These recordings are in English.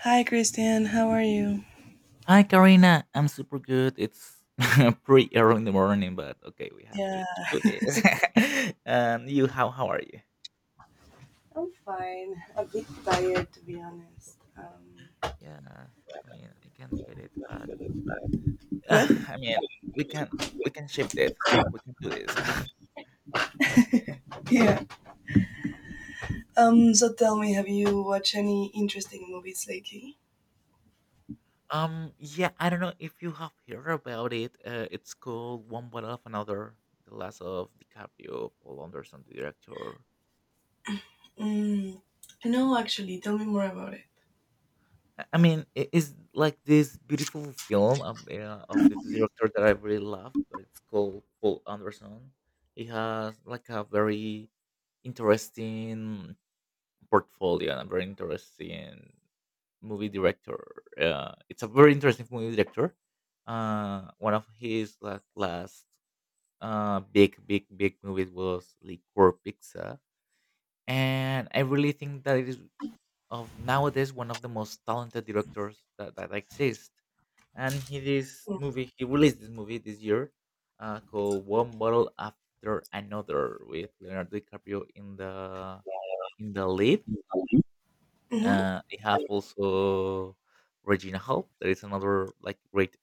Hi, Christian. How are you? Hi, Karina. I'm super good. It's pretty early in the morning, but okay, we have to, Yeah, to do this. And you, how are you? I'm fine. A bit tired, to be honest. Um, Yeah, I mean, I can get it, but what? I mean, we can we can shift this. We can do this. Yeah. So tell me, have you watched any interesting movies lately? Yeah, I don't know if you have heard about it. It's called One Bottle of Another, the last of DiCaprio, Paul Anderson, the director. Mm, no, actually. Tell me more about it. I mean, it is like this beautiful film, yeah, of the director that I really love. But it's called Paul Anderson. He has like a very interesting portfolio and a very interesting movie director. It's a very interesting movie director. One of his like last big movies was Liquor Pizza. And I really think that it is of nowadays one of the most talented directors that exist. And he released this movie this year, called One Bottle After Another with Leonardo DiCaprio in the lead. Mm-hmm. They have also Regina Hall, that is another like great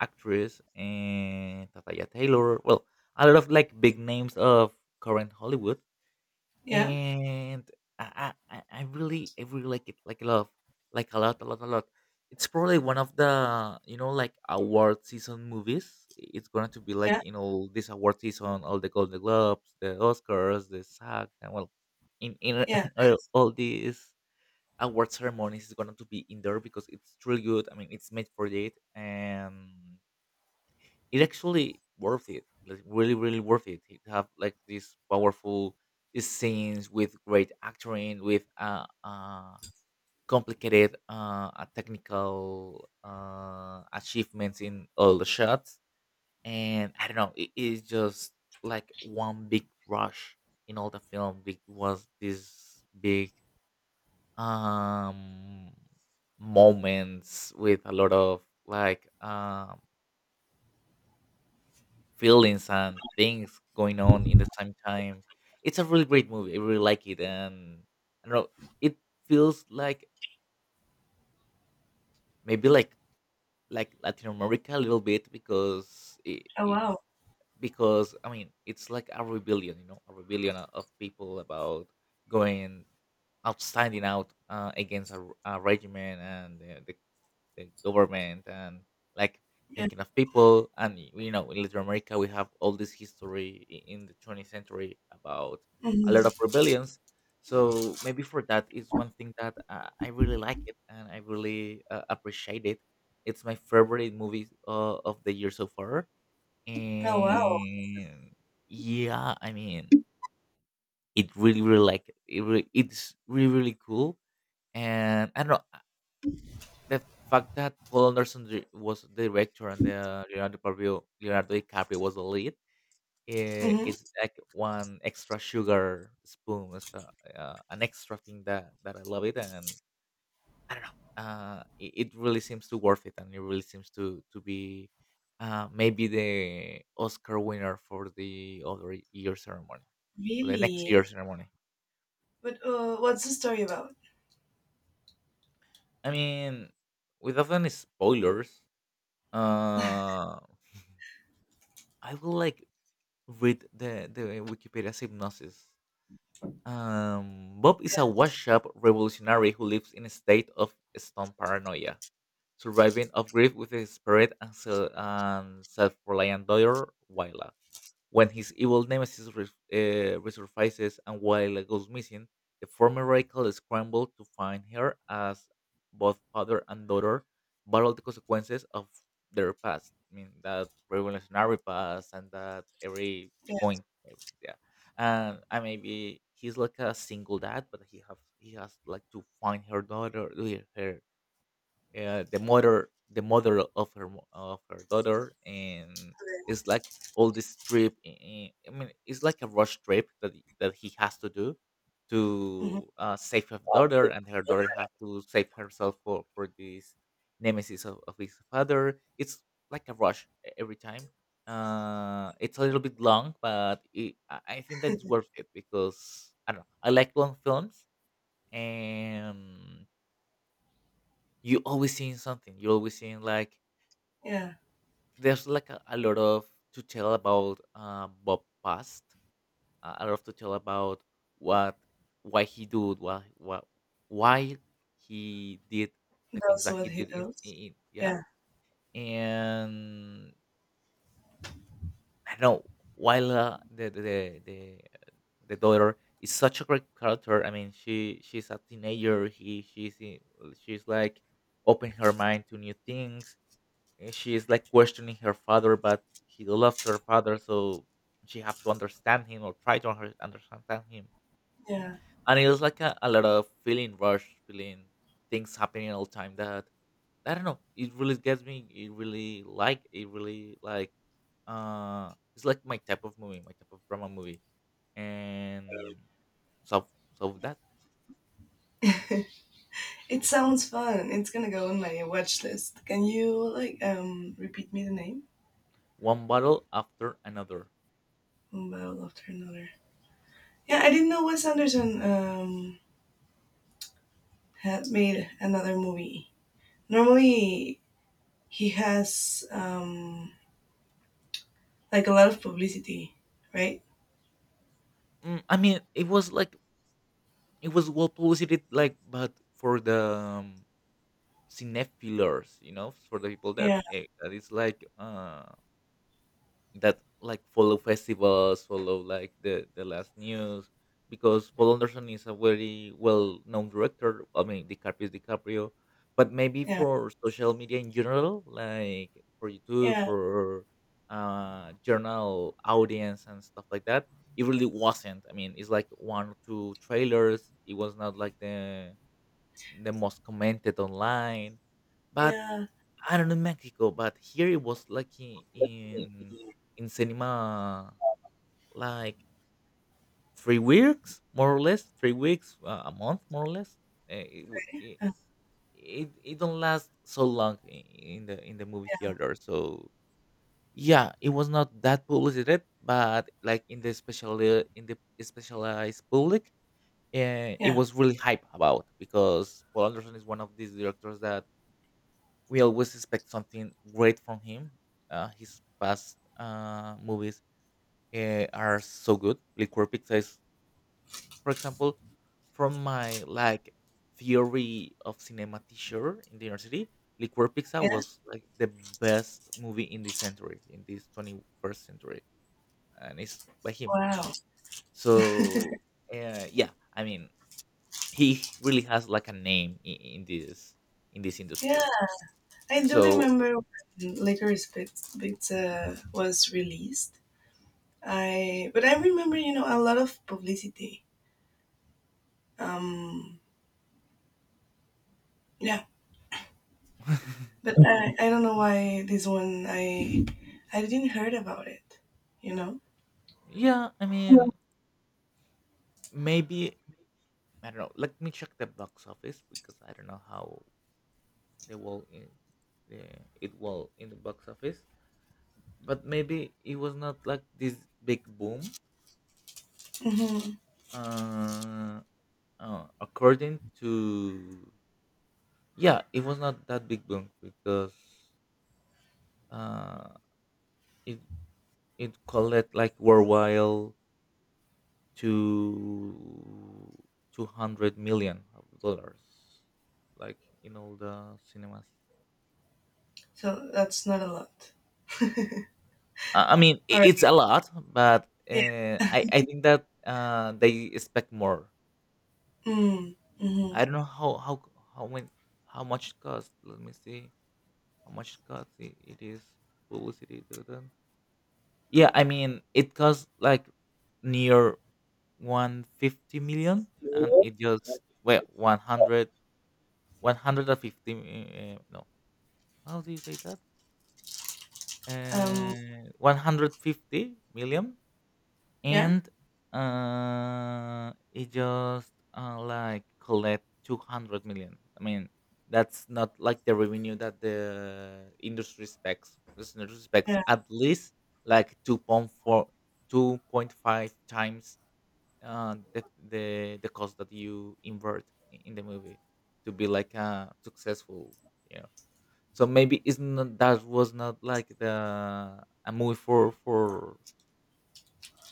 actress, and Tataya Taylor. Well, a lot of like big names of current Hollywood, Yeah. and I really like it like a lot, like a lot a lot a lot. It's probably one of the, you know, like award season movies. It's going to be like, Yeah. you know, this award season, all the Golden Globes, the Oscars, the SAG, and well, in Yeah. all these award ceremonies is going to be in there because it's really good. I mean, it's made for it, and it actually worth it. Like really, really worth it. It have like these powerful scenes with great acting, with complicated technical achievements in all the shots. And I don't know, it is just like one big rush in all the film. It was this big um moments with a lot of like feelings and things going on in the same time. It's a really great movie. I really like it, and I don't know. It feels like maybe like Latin America a little bit because it, Oh it wow. because I mean it's like a rebellion, you know, a rebellion of people about going outstanding out, against a, a regiment and the the government and like Yeah. thinking of people. And you know, in Latin America we have all this history in the 20th century about a lot of Hmm. rebellions, so maybe for that is one thing that I really like it and I really appreciate it. It's my favorite movie of the year so far. Oh wow. And yeah, I mean, it really really like it really, it's really really cool. And I don't know, the fact that Paul Anderson was the director and the Leonardo DiCaprio was the lead, eh, Mm-hmm. it's like one extra sugar spoon. It's the, an extra thing that I love it. And I don't know, it really seems to worth it, and it really seems to be, maybe the Oscar winner for the other year ceremony, for the next Really? year ceremony. But what's the story about? I mean, without any spoilers, uh, I would like read the Wikipedia synopsis. Bob is a washed-up revolutionary who lives in a state of stone paranoia, surviving of grief with his spirit and, and self-reliant daughter, Wyla. When his evil nemesis resurfaces and Willa goes missing, the former radical scramble to find her as both father and daughter battle the consequences of their past. I mean, that revolutionary past and that every Yeah. going, yeah. And I maybe he's like a single dad, but he has like to find her daughter, her, the mother of her of her daughter. And it's like all this trip. I mean it's like a rush trip that he has to do to, Yeah. Mm-hmm. Save her daughter, and her daughter have to save herself for this nemesis of his father. It's like a rush every time. Uh, it's a little bit long, but it, I think that it's worth it because I don't know, I like long films. And you always seeing something. You're always seeing like Yeah. there's like a lot of to tell about Bob past. A lot of to tell about what why he did why what why he did the things That's that what he he did does. in, yeah. Yeah. And I don't know while, the daughter is such a great character. I mean she's a teenager. He She's in, she's like open her mind to new things. And she is like questioning her father, but he loves her father, so she have to understand him or try to understand him. Yeah. And it was like a lot of feeling rush, feeling things happening all the time. That I don't know. It really gets me. It really like. It really like. It's like my type of movie, my type of drama movie, and so so that It sounds fun. It's gonna go on my watch list. Can you, like, repeat me the name? one battle after another. One Battle After Another. Yeah, I didn't know Wes Anderson had made another movie. Normally he has like a lot of publicity, right? Mm, I mean, it was like it was well publicity, like, but for the um, cinephilers, you know, for the people that, Yeah, that is like that like follow festivals, follow like the last news, because Paul Anderson is a very well known director. I mean, DiCaprio is DiCaprio, but maybe yeah, for social media in general, like for YouTube, yeah, for journal audience and stuff like that, it really wasn't. I mean, it's like one or two trailers. It was not like the most commented online. But yeah, I don't know in Mexico, but here it was like in cinema like 3 weeks, more or less, 3 weeks, a month, more or less. It uh, it don't last so long in the movie yeah, theater. So yeah, it was not that publicated, but like in the special, in the specialized public, it yeah, was really hype about because Paul Anderson is one of these directors that we always expect something great from him. His past movies are so good. Liquor Pizza is, for example, from my like theory of cinema teacher in the university. Liquor Pizza yeah. was like the best movie in this century, in this 21st century, and it's by him. Wow. So yeah, I mean, he really has like a name in this Yeah, industry. I do So remember when Licorice Pizza was released. I but I remember, a lot of publicity. Um, yeah, but I don't know why this one I didn't heard about it. You know. yeah, I mean, maybe I don't know. Let me check the box office because I don't know how they will in the it will in the box office. But maybe it was not like this big boom. Mm-hmm. Uh, According to yeah, it was not that big boom because uh it it collect like worldwide to 200 million of dollars, like in all the cinemas. So that's not a lot. I mean, All right. it's a lot, but Yeah. I think that they expect more. Mm, mm-hmm. I don't know how c- how when how much it costs. Let me see how much it costs. It is publicity. Duh, duh. Yeah, I mean, it costs like near 150 million, and it just well 100 150. Uh, no, how do you say that? Um. 150 million. Yeah. And it just like collect 200 million. I mean that's not like the revenue that the industry expects this industry expects Yeah. at least like 2.4, 2.5 times the cost that you invert in the movie to be like a successful, you know. So maybe it's not that was not like the a movie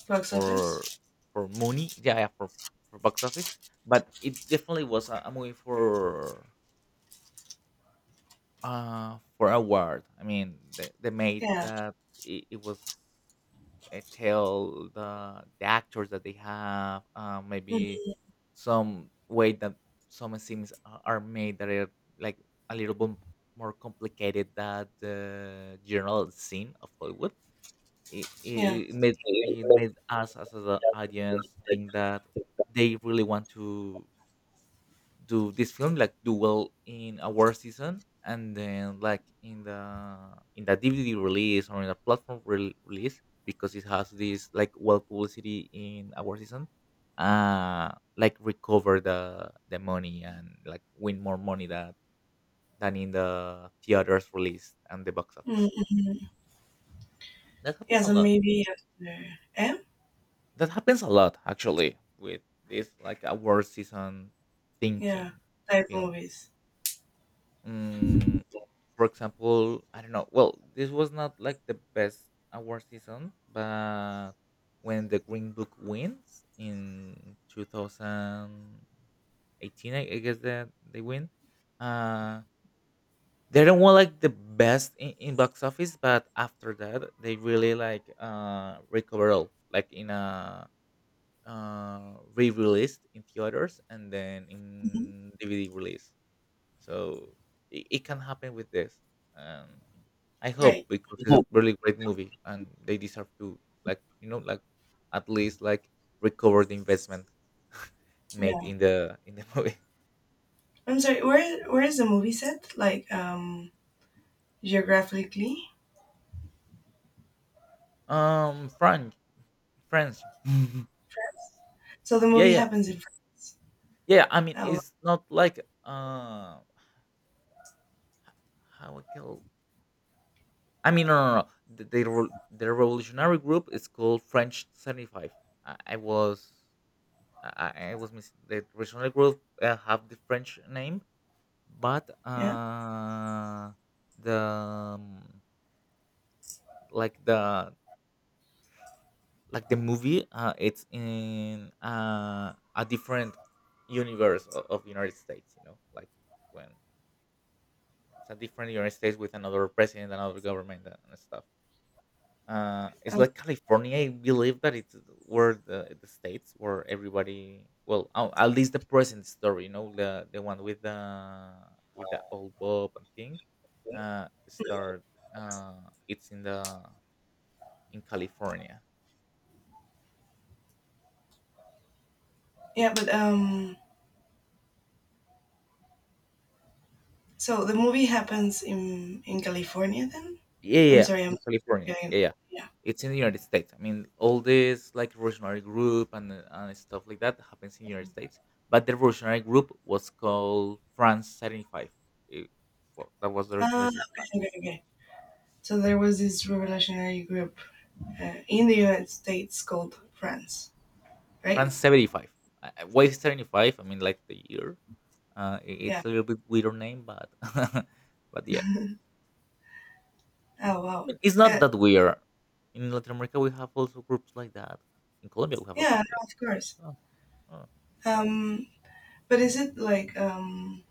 Box for office. for money, yeah, yeah, for box office, but it definitely was a movie for award. I mean, they made Yeah. that it was I tell the actors that they have, Mm, maybe some way that some scenes are made that are like a little bit more complicated than the general scene of Hollywood. it yeah. it it made it made us as the audience think that they really want to do this film, like do well in award season, and then like in the DVD release or in the platform release, because it has this like well publicity in award season. Uh, like recover the money and like win more money that than in the theaters release and the box Mm, office. mm. That Yeah. happens a So lot. maybe after. M. That happens a lot actually with this like award season Yeah. thinking Type films. movies. Mm, for example, I don't know. Well, this was not like the best award season, but when the Green Book wins in 2018, I guess that they win. Uh, they don't want like the best in box office, but after that, they really like recover all like in a re-released in theaters and then Hmm. in DVD release. So it can happen with this. Um, I hope Right. because it's a really great movie and they deserve to like like at least like recover the investment made Yeah. in the movie. I'm sorry. Where is the movie set? Like, geographically. French, French. So the Yeah, movie yeah, happens in France. yeah. I mean, Oh, it's not like how I can I mean, no, no, no, no. The revolutionary group is called French 75. I, I was, I was missing. The revolutionary group have the French name, but yeah, the like the like the movie, it's in a different universe of United States. You know, like when it's a different United States with another president, another government, and stuff. It's um, like California. I believe that it's where the states where everybody, well, oh, at least the present story, you know, the one with the old Bob and thing, start. It's in the In California. yeah, but so the movie happens in California. Then Yeah, I'm yeah, sorry, in I'm California. getting. Yeah, yeah. Yeah. It's in the United States. I mean, all this like revolutionary group and and stuff like that happens in the United States. But the revolutionary group was called France 75. That was the reason Ah, that it's okay, France. okay, okay. So there was this revolutionary group in the United States called France, right? France 75. Why 75? I mean, like the year. Yeah. It's a little bit weird name, but but yeah, Oh, I wow. mean, it's not Uh, that weird. In Latin America, we have also groups like that. In Colombia, we have a yeah, group no, like of course. that. Oh, oh. Um, but is it, like,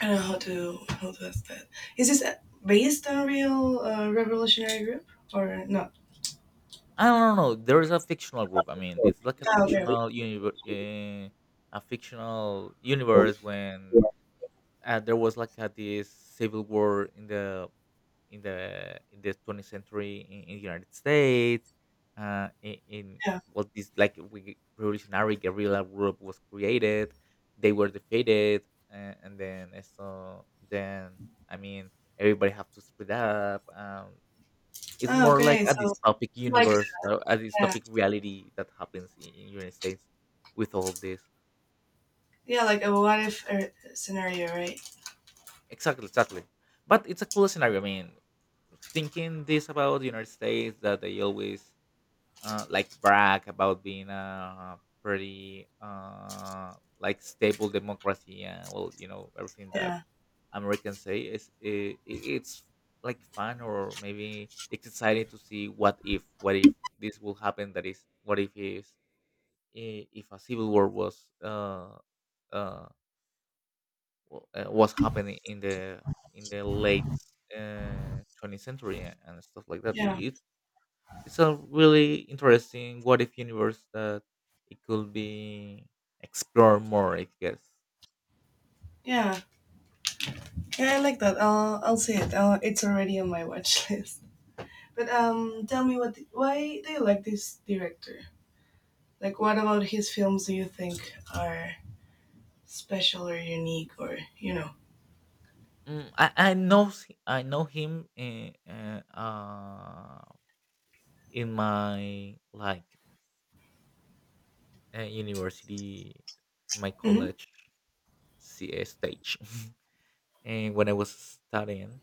I don't know how to ask that. Is this based on a real revolutionary group or not? I don't know, no, no, there is a fictional group. I mean, it's like Ah, okay. A fictional universe when there was like a, this civil war in the 20th century in the United States. In Yeah. what this like revolutionary guerrilla group was created, they were defeated, and then so then I mean everybody have to split up. It's Oh, more like okay. a So, dystopic like, universe, a yeah, dystopic reality that happens in United States with all this. yeah, like a what if scenario, right? Exactly, exactly. But it's a cool scenario. I mean, thinking this about the United States that they always like brag about being a pretty like stable democracy and well you know everything that Yeah, Americans say is it's like fun or maybe it's exciting to see what if this will happen that is what if is if a civil war was uh, was happening in the late 20th century and stuff like that. yeah, It, it's a really interesting what if universe that it could be explored more I guess. yeah, yeah. I like that. I'll see it. It's already on my watch list. But tell me, what why do you like this director? Like, what about his films do you think are special or unique, or you know? I know I know him in my like university, my Mm-hmm. college ca stage and when I was studying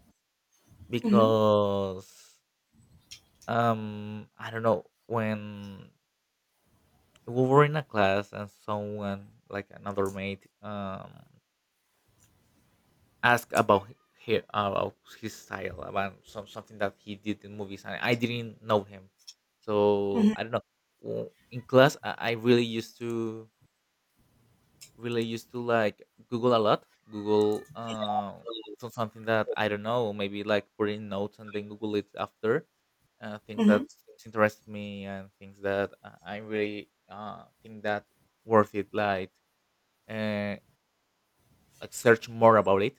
Mm-hmm. because I don't know when we were in a class and someone like another mate asked about his style, about some, something that he did in movies, and I didn't know him. So Mhm, I don't know. In class, I really used to like Google a lot. Google so something that I don't know, maybe like put in notes and then Google it after. Things mhm, that things interest me and things that I really think that worth it. Uh, like search more about it.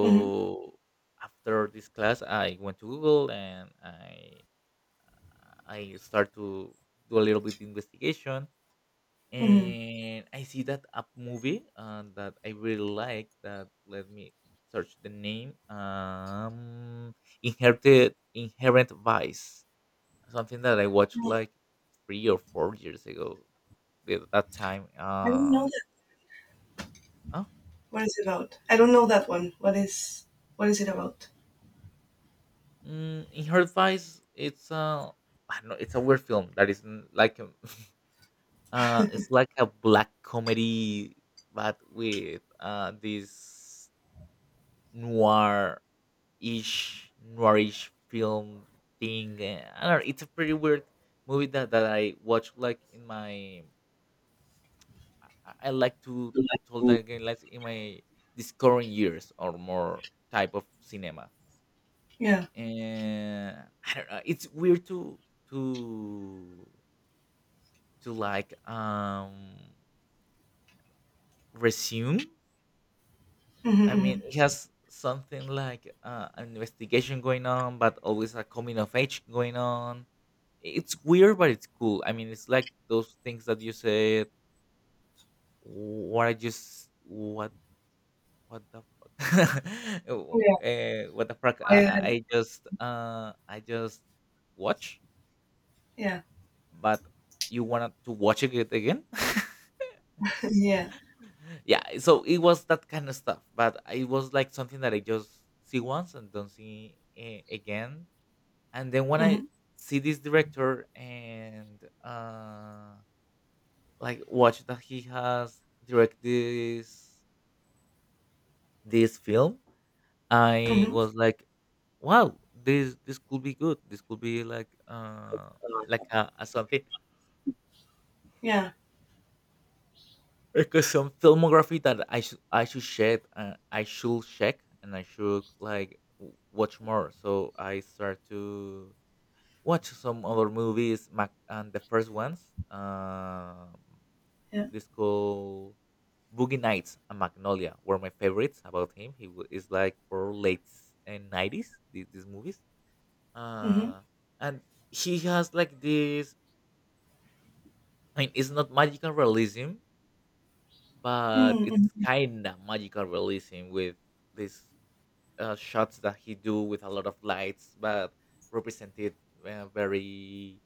mhm, after this class, I went to Google and I start to do a little bit investigation, mhm. and I see that a movie that I really like. That let me search the name. Inherited inherent vice, something that I watched like 3 or 4 years ago. At that time, I don't know that. huh? What is it about? I don't know that one. What is it about? Mm, in her advice, it's a I don't know, it's a weird film that isn't like a, it's like a black comedy, but with this noir-ish noirish film thing. Eh, I don't know. It's a pretty weird movie that I watch like in my I like to told that again like in my discovering years or more type of cinema. Yeah. And I don't know. It's weird to to like resume. Mm-hmm. I mean, Hmm. it has something like an investigation going on, but always a coming of age going on. It's weird, but it's cool. I mean, it's like those things that you said. What I just what the fuck? Yeah. What the fuck? I, I, I I just I just watch. yeah. But you wanted to watch it again. Yeah. Yeah, so it was that kind of stuff. But it was like something that I just see once and don't see eh, again. And then when I Mm-hmm, see this director and like watch that he has direct this film, I mm-hmm. was like, wow, this could be good. This could be like a something. Yeah. Because some filmography that I should check I should check and I should like watch more. So I start to watch some other movies. Mac and the first ones, um, Yeah. this called Boogie Nights and Magnolia were my favorites about him. He is like for late and nineties. These movies, Mm-hmm. uh, and he has like this. I mean, it's not magical realism, but it's Mm-hmm. kind of magical realism with these shots that he do with a lot of lights, but represented very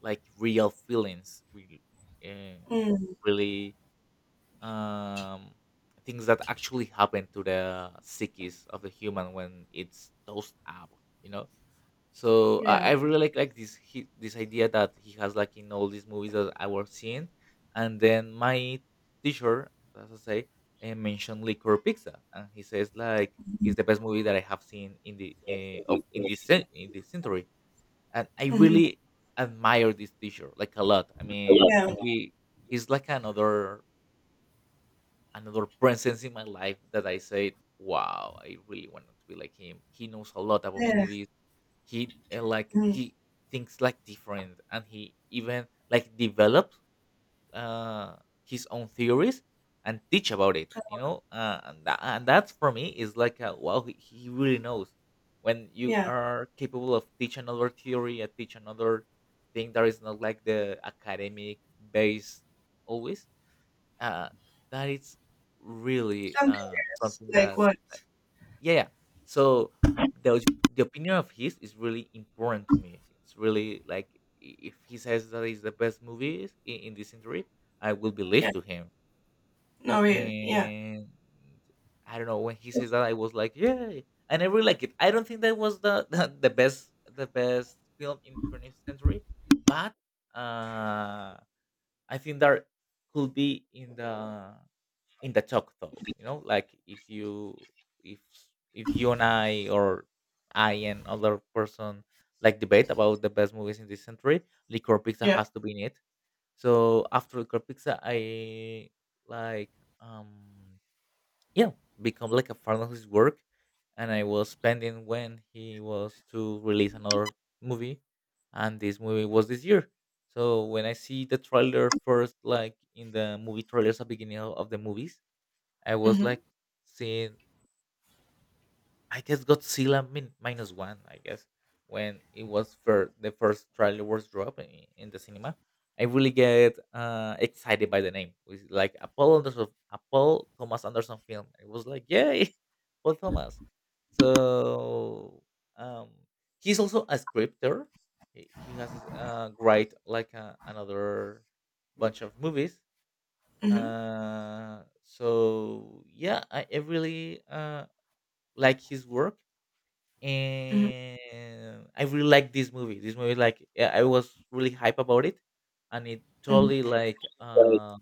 like real feelings, really, uh, Mm-hmm. really um, things that actually happen to the psyches of the human when it's toast up, you know. So I Yeah. I really like this he, this idea that he has like in all these movies that I was seeing, and then my teacher, as I say, mentioned Liquor Pizza, and he says like it's the best movie that I have seen in the of in this in this century, and I Mm-hmm. really admire this teacher like a lot. I mean, Yeah. he he's like another another presence in my life that I said, wow, I really want to be like him. He knows a lot about Yeah. movies. He like Mm-hmm. he thinks like different and he even like develops uh his own theories and teach about it you know that, and that for me is like a, wow he really knows when you Yeah. are capable of teach another theory and teach another thing that is not like the academic based always uh that is really I'm curious. something Like that what? yeah, yeah. So the opinion of his is really important to me. It's really like if he says that is the best movie in this century, I will believe Yeah. to him. No. Really. Yeah. And I don't know when he says that, I was like, yeah, I never like it. I don't think that was the the best film in 20th century, but uh, I think that could be in the talk though you know like if you if if you and I or I and other person like debate about the best movies in this century, liquor pizza Yeah. has to be in it. So after liquor pizza I like um yeah become like a fan of his work, and I was spending when he was to release another movie, and this movie was this year. So when I see the trailer first like in the movie trailers at the beginning of the movies I was Mm-hmm. like seeing, I guess Godzilla minus one, I guess, when it was for the first trailer was dropped in the cinema. I really get excited by the name. It's like Apollo Anderson, Apollo Thomas Anderson film. It was like, yay, Paul Thomas. So um, he's also a scripter. He has write like another bunch of movies Mm-hmm. So yeah, I really like his work, Mm-hmm. and I really like this movie. This movie, like yeah, I was really hype about it, and it Hmm. totally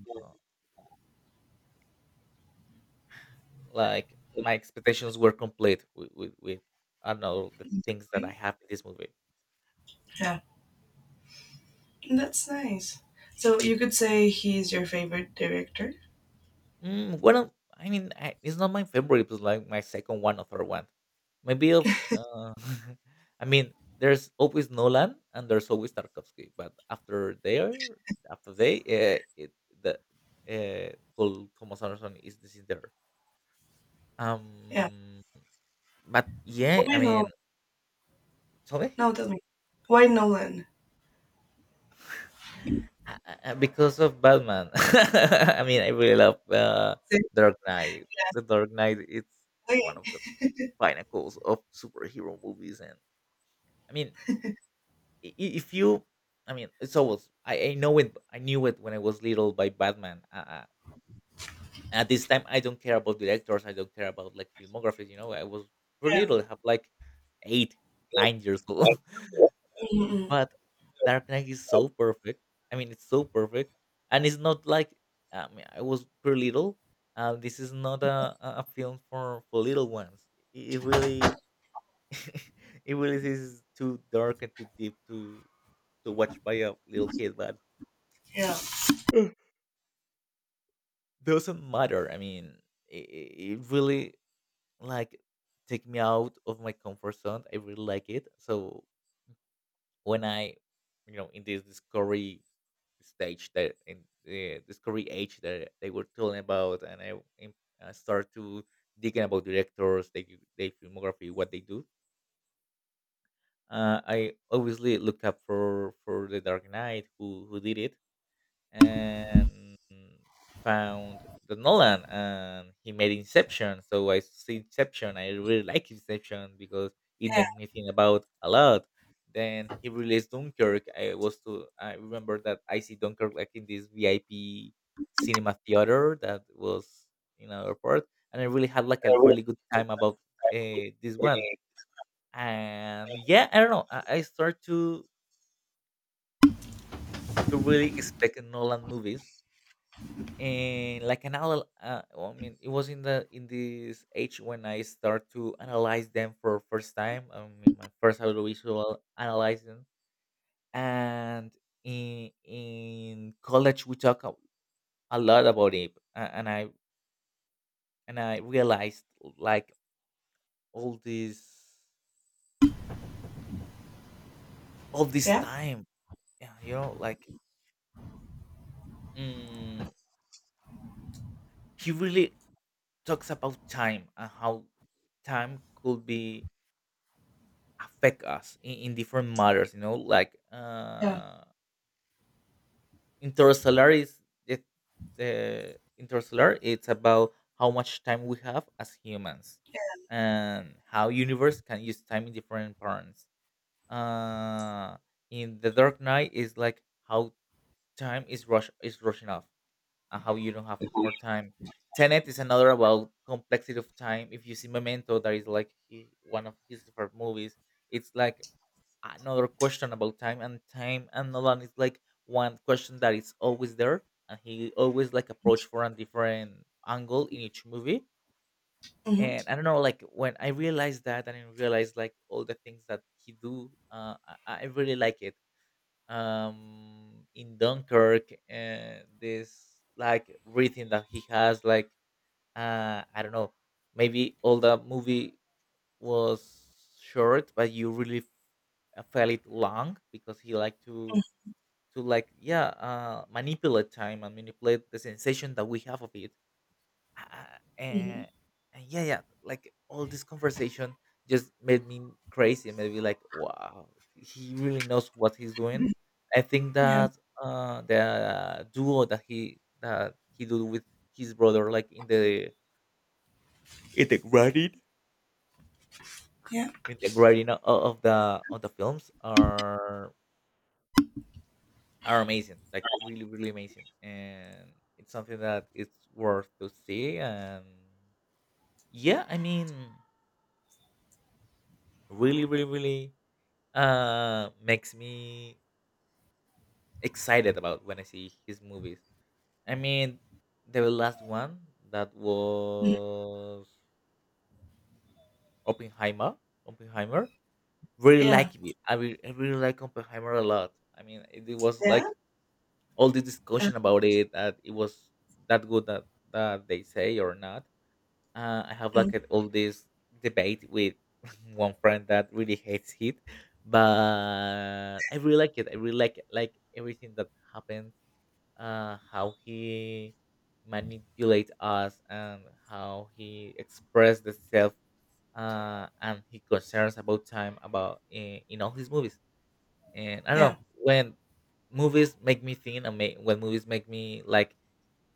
like my expectations were complete with I don't know the things that I have in this movie. Yeah. That's nice. So you could say he's your favorite director? Mm, well, I mean, I, it's not my favorite. It was like my second one or third one. Maybe of, I mean, there's always Nolan and there's always Tarkovsky, but after there, after they, it, the Paul Thomas Anderson is this is there. Yeah. Um, but yeah, Why I Nolan? mean, tell me, No, tell me. Why Nolan? Because of Batman. I mean, I really love Say- Dark Knight. The Dark Knight is one of Okay. the pinnacles of superhero movies. And I mean I- if you I mean It's always I know it I knew it when I was little by Batman. At this time I don't care about directors, I don't care about like filmographies. I was pretty Yeah. little. I have like 8 9 years old Mm-mm. but Dark Knight is so perfect. I mean, it's so perfect. And it's not like, I mean, I was pretty little. This is not a film for little ones. It really it really is too dark and too deep to watch by a little kid, but Yeah. doesn't matter. I mean, it really, like, take me out of my comfort zone. I really like it. So when I, in this discovery stage, that in the discovery age that they were telling about, and I start to digging about directors, they filmography, what they do. I obviously looked up for the Dark Knight, who did it, and found the Nolan, and he made Inception. So I see Inception. I really like Inception because it Yeah. made me think about a lot. Then he released Dunkirk. I was to I remember that I see Dunkirk like in this VIP cinema theater that was in our airport, and I really had like a really good time about this one. And yeah, I don't know. I start to really expect Nolan movies, and like an well, I mean, it was in the in this age when I start to analyze them for first time. I mean, my first audiovisual analyzing, and in college we talk a lot about it, and I realized, like, all this Yeah. time, yeah, you know, like, mm, he really talks about time, and how time could be affect us in different matters, you know, like, Yeah. Interstellar is the, the Interstellar, it's about how much time we have as humans, and how universe can use time in different patterns. uh in the Dark Knight is like how time is rushing off, and how you don't have more time. Tenet is another about complexity of time. If you see Memento, that is like one of his favorite movies. It's like another question about time. And time and Nolan is like one question that is always there, and he always like approach for a different angle in each movie. Mm-hmm. And I don't know, like when I realized that, and I realized like all the things that he do, I really like it. In Dunkirk, this like breathing that he has, like, I don't know, maybe all the movie was short, but you really felt it long, because he liked to like, yeah, manipulate time and manipulate the sensation that we have of it. Uh, Mm-hmm. and, and yeah, like all this conversation just made me crazy. Made me like, wow, he really knows what he's doing. I think Yeah. that the duo that he did with his brother, like in the granite Yeah. integrating all of the all the films are amazing, like really really amazing, and it's something that it's worth to see. And yeah, I mean, really really really makes me excited about when I see his movies. I mean, the last one that Mhm. was Oppenheimer. oppenheimer Really Yeah. like it. I really like Oppenheimer a lot. I mean, it was Yeah. like all this Uh, discussion about it, that it was that good, that they say or not. I have mm. like all this debate with one friend that really hates it, but I really like it. I really like it, like everything that happens. How he manipulates us, and how he expresses himself, and his concerns about time, about in all his movies. And I don't Yeah. know, when movies make me think, and when movies make me like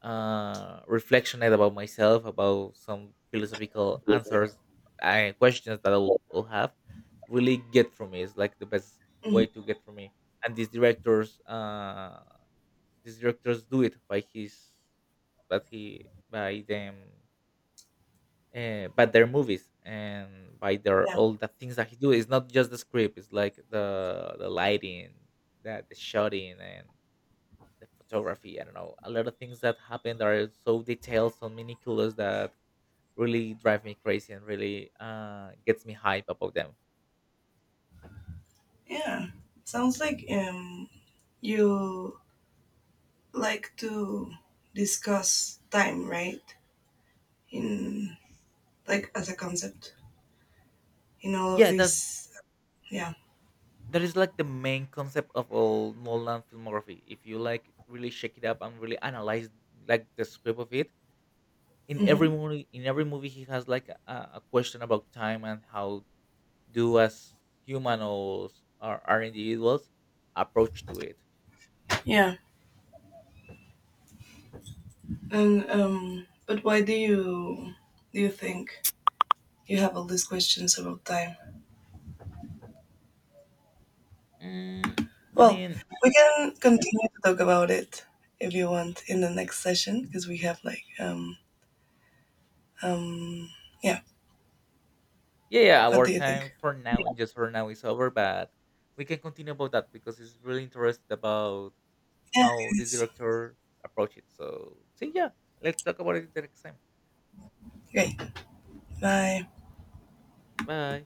reflectionate about myself, about some philosophical answers, questions that I'll have, really get through me. It's like the best Mm. way to get through me. And these directors, do it by his, but he by them, but their movies, and by their Yeah. all the things that he do. It's not just the script, it's like the lighting, that the shooting, and the photography. I don't know, a lot of things that happen that are so detailed, so meticulous, that really drive me crazy, and really gets me hype about them. Yeah. Sounds like, you like to discuss time, right? In, like, as a concept in all of Yeah, these. Yeah. that is like the main concept of all Nolan filmography, if you like really shake it up and really analyze like the script of it. In every Hmm. movie, he has like a question about time, and how do as humans, or our individuals approach to it. Yeah. And but why do you think you have all these questions about time? mm, i Well, mean we can continue to talk about it if you want in the next session, because we have, like, um yeah. yeah, yeah, What our do you time think? for now, Yeah, just for now, is over, but we can continue about that, because it's really interested about it how this is. director approached it. So see, yeah, let's talk about it the next time. Great. Bye. Bye.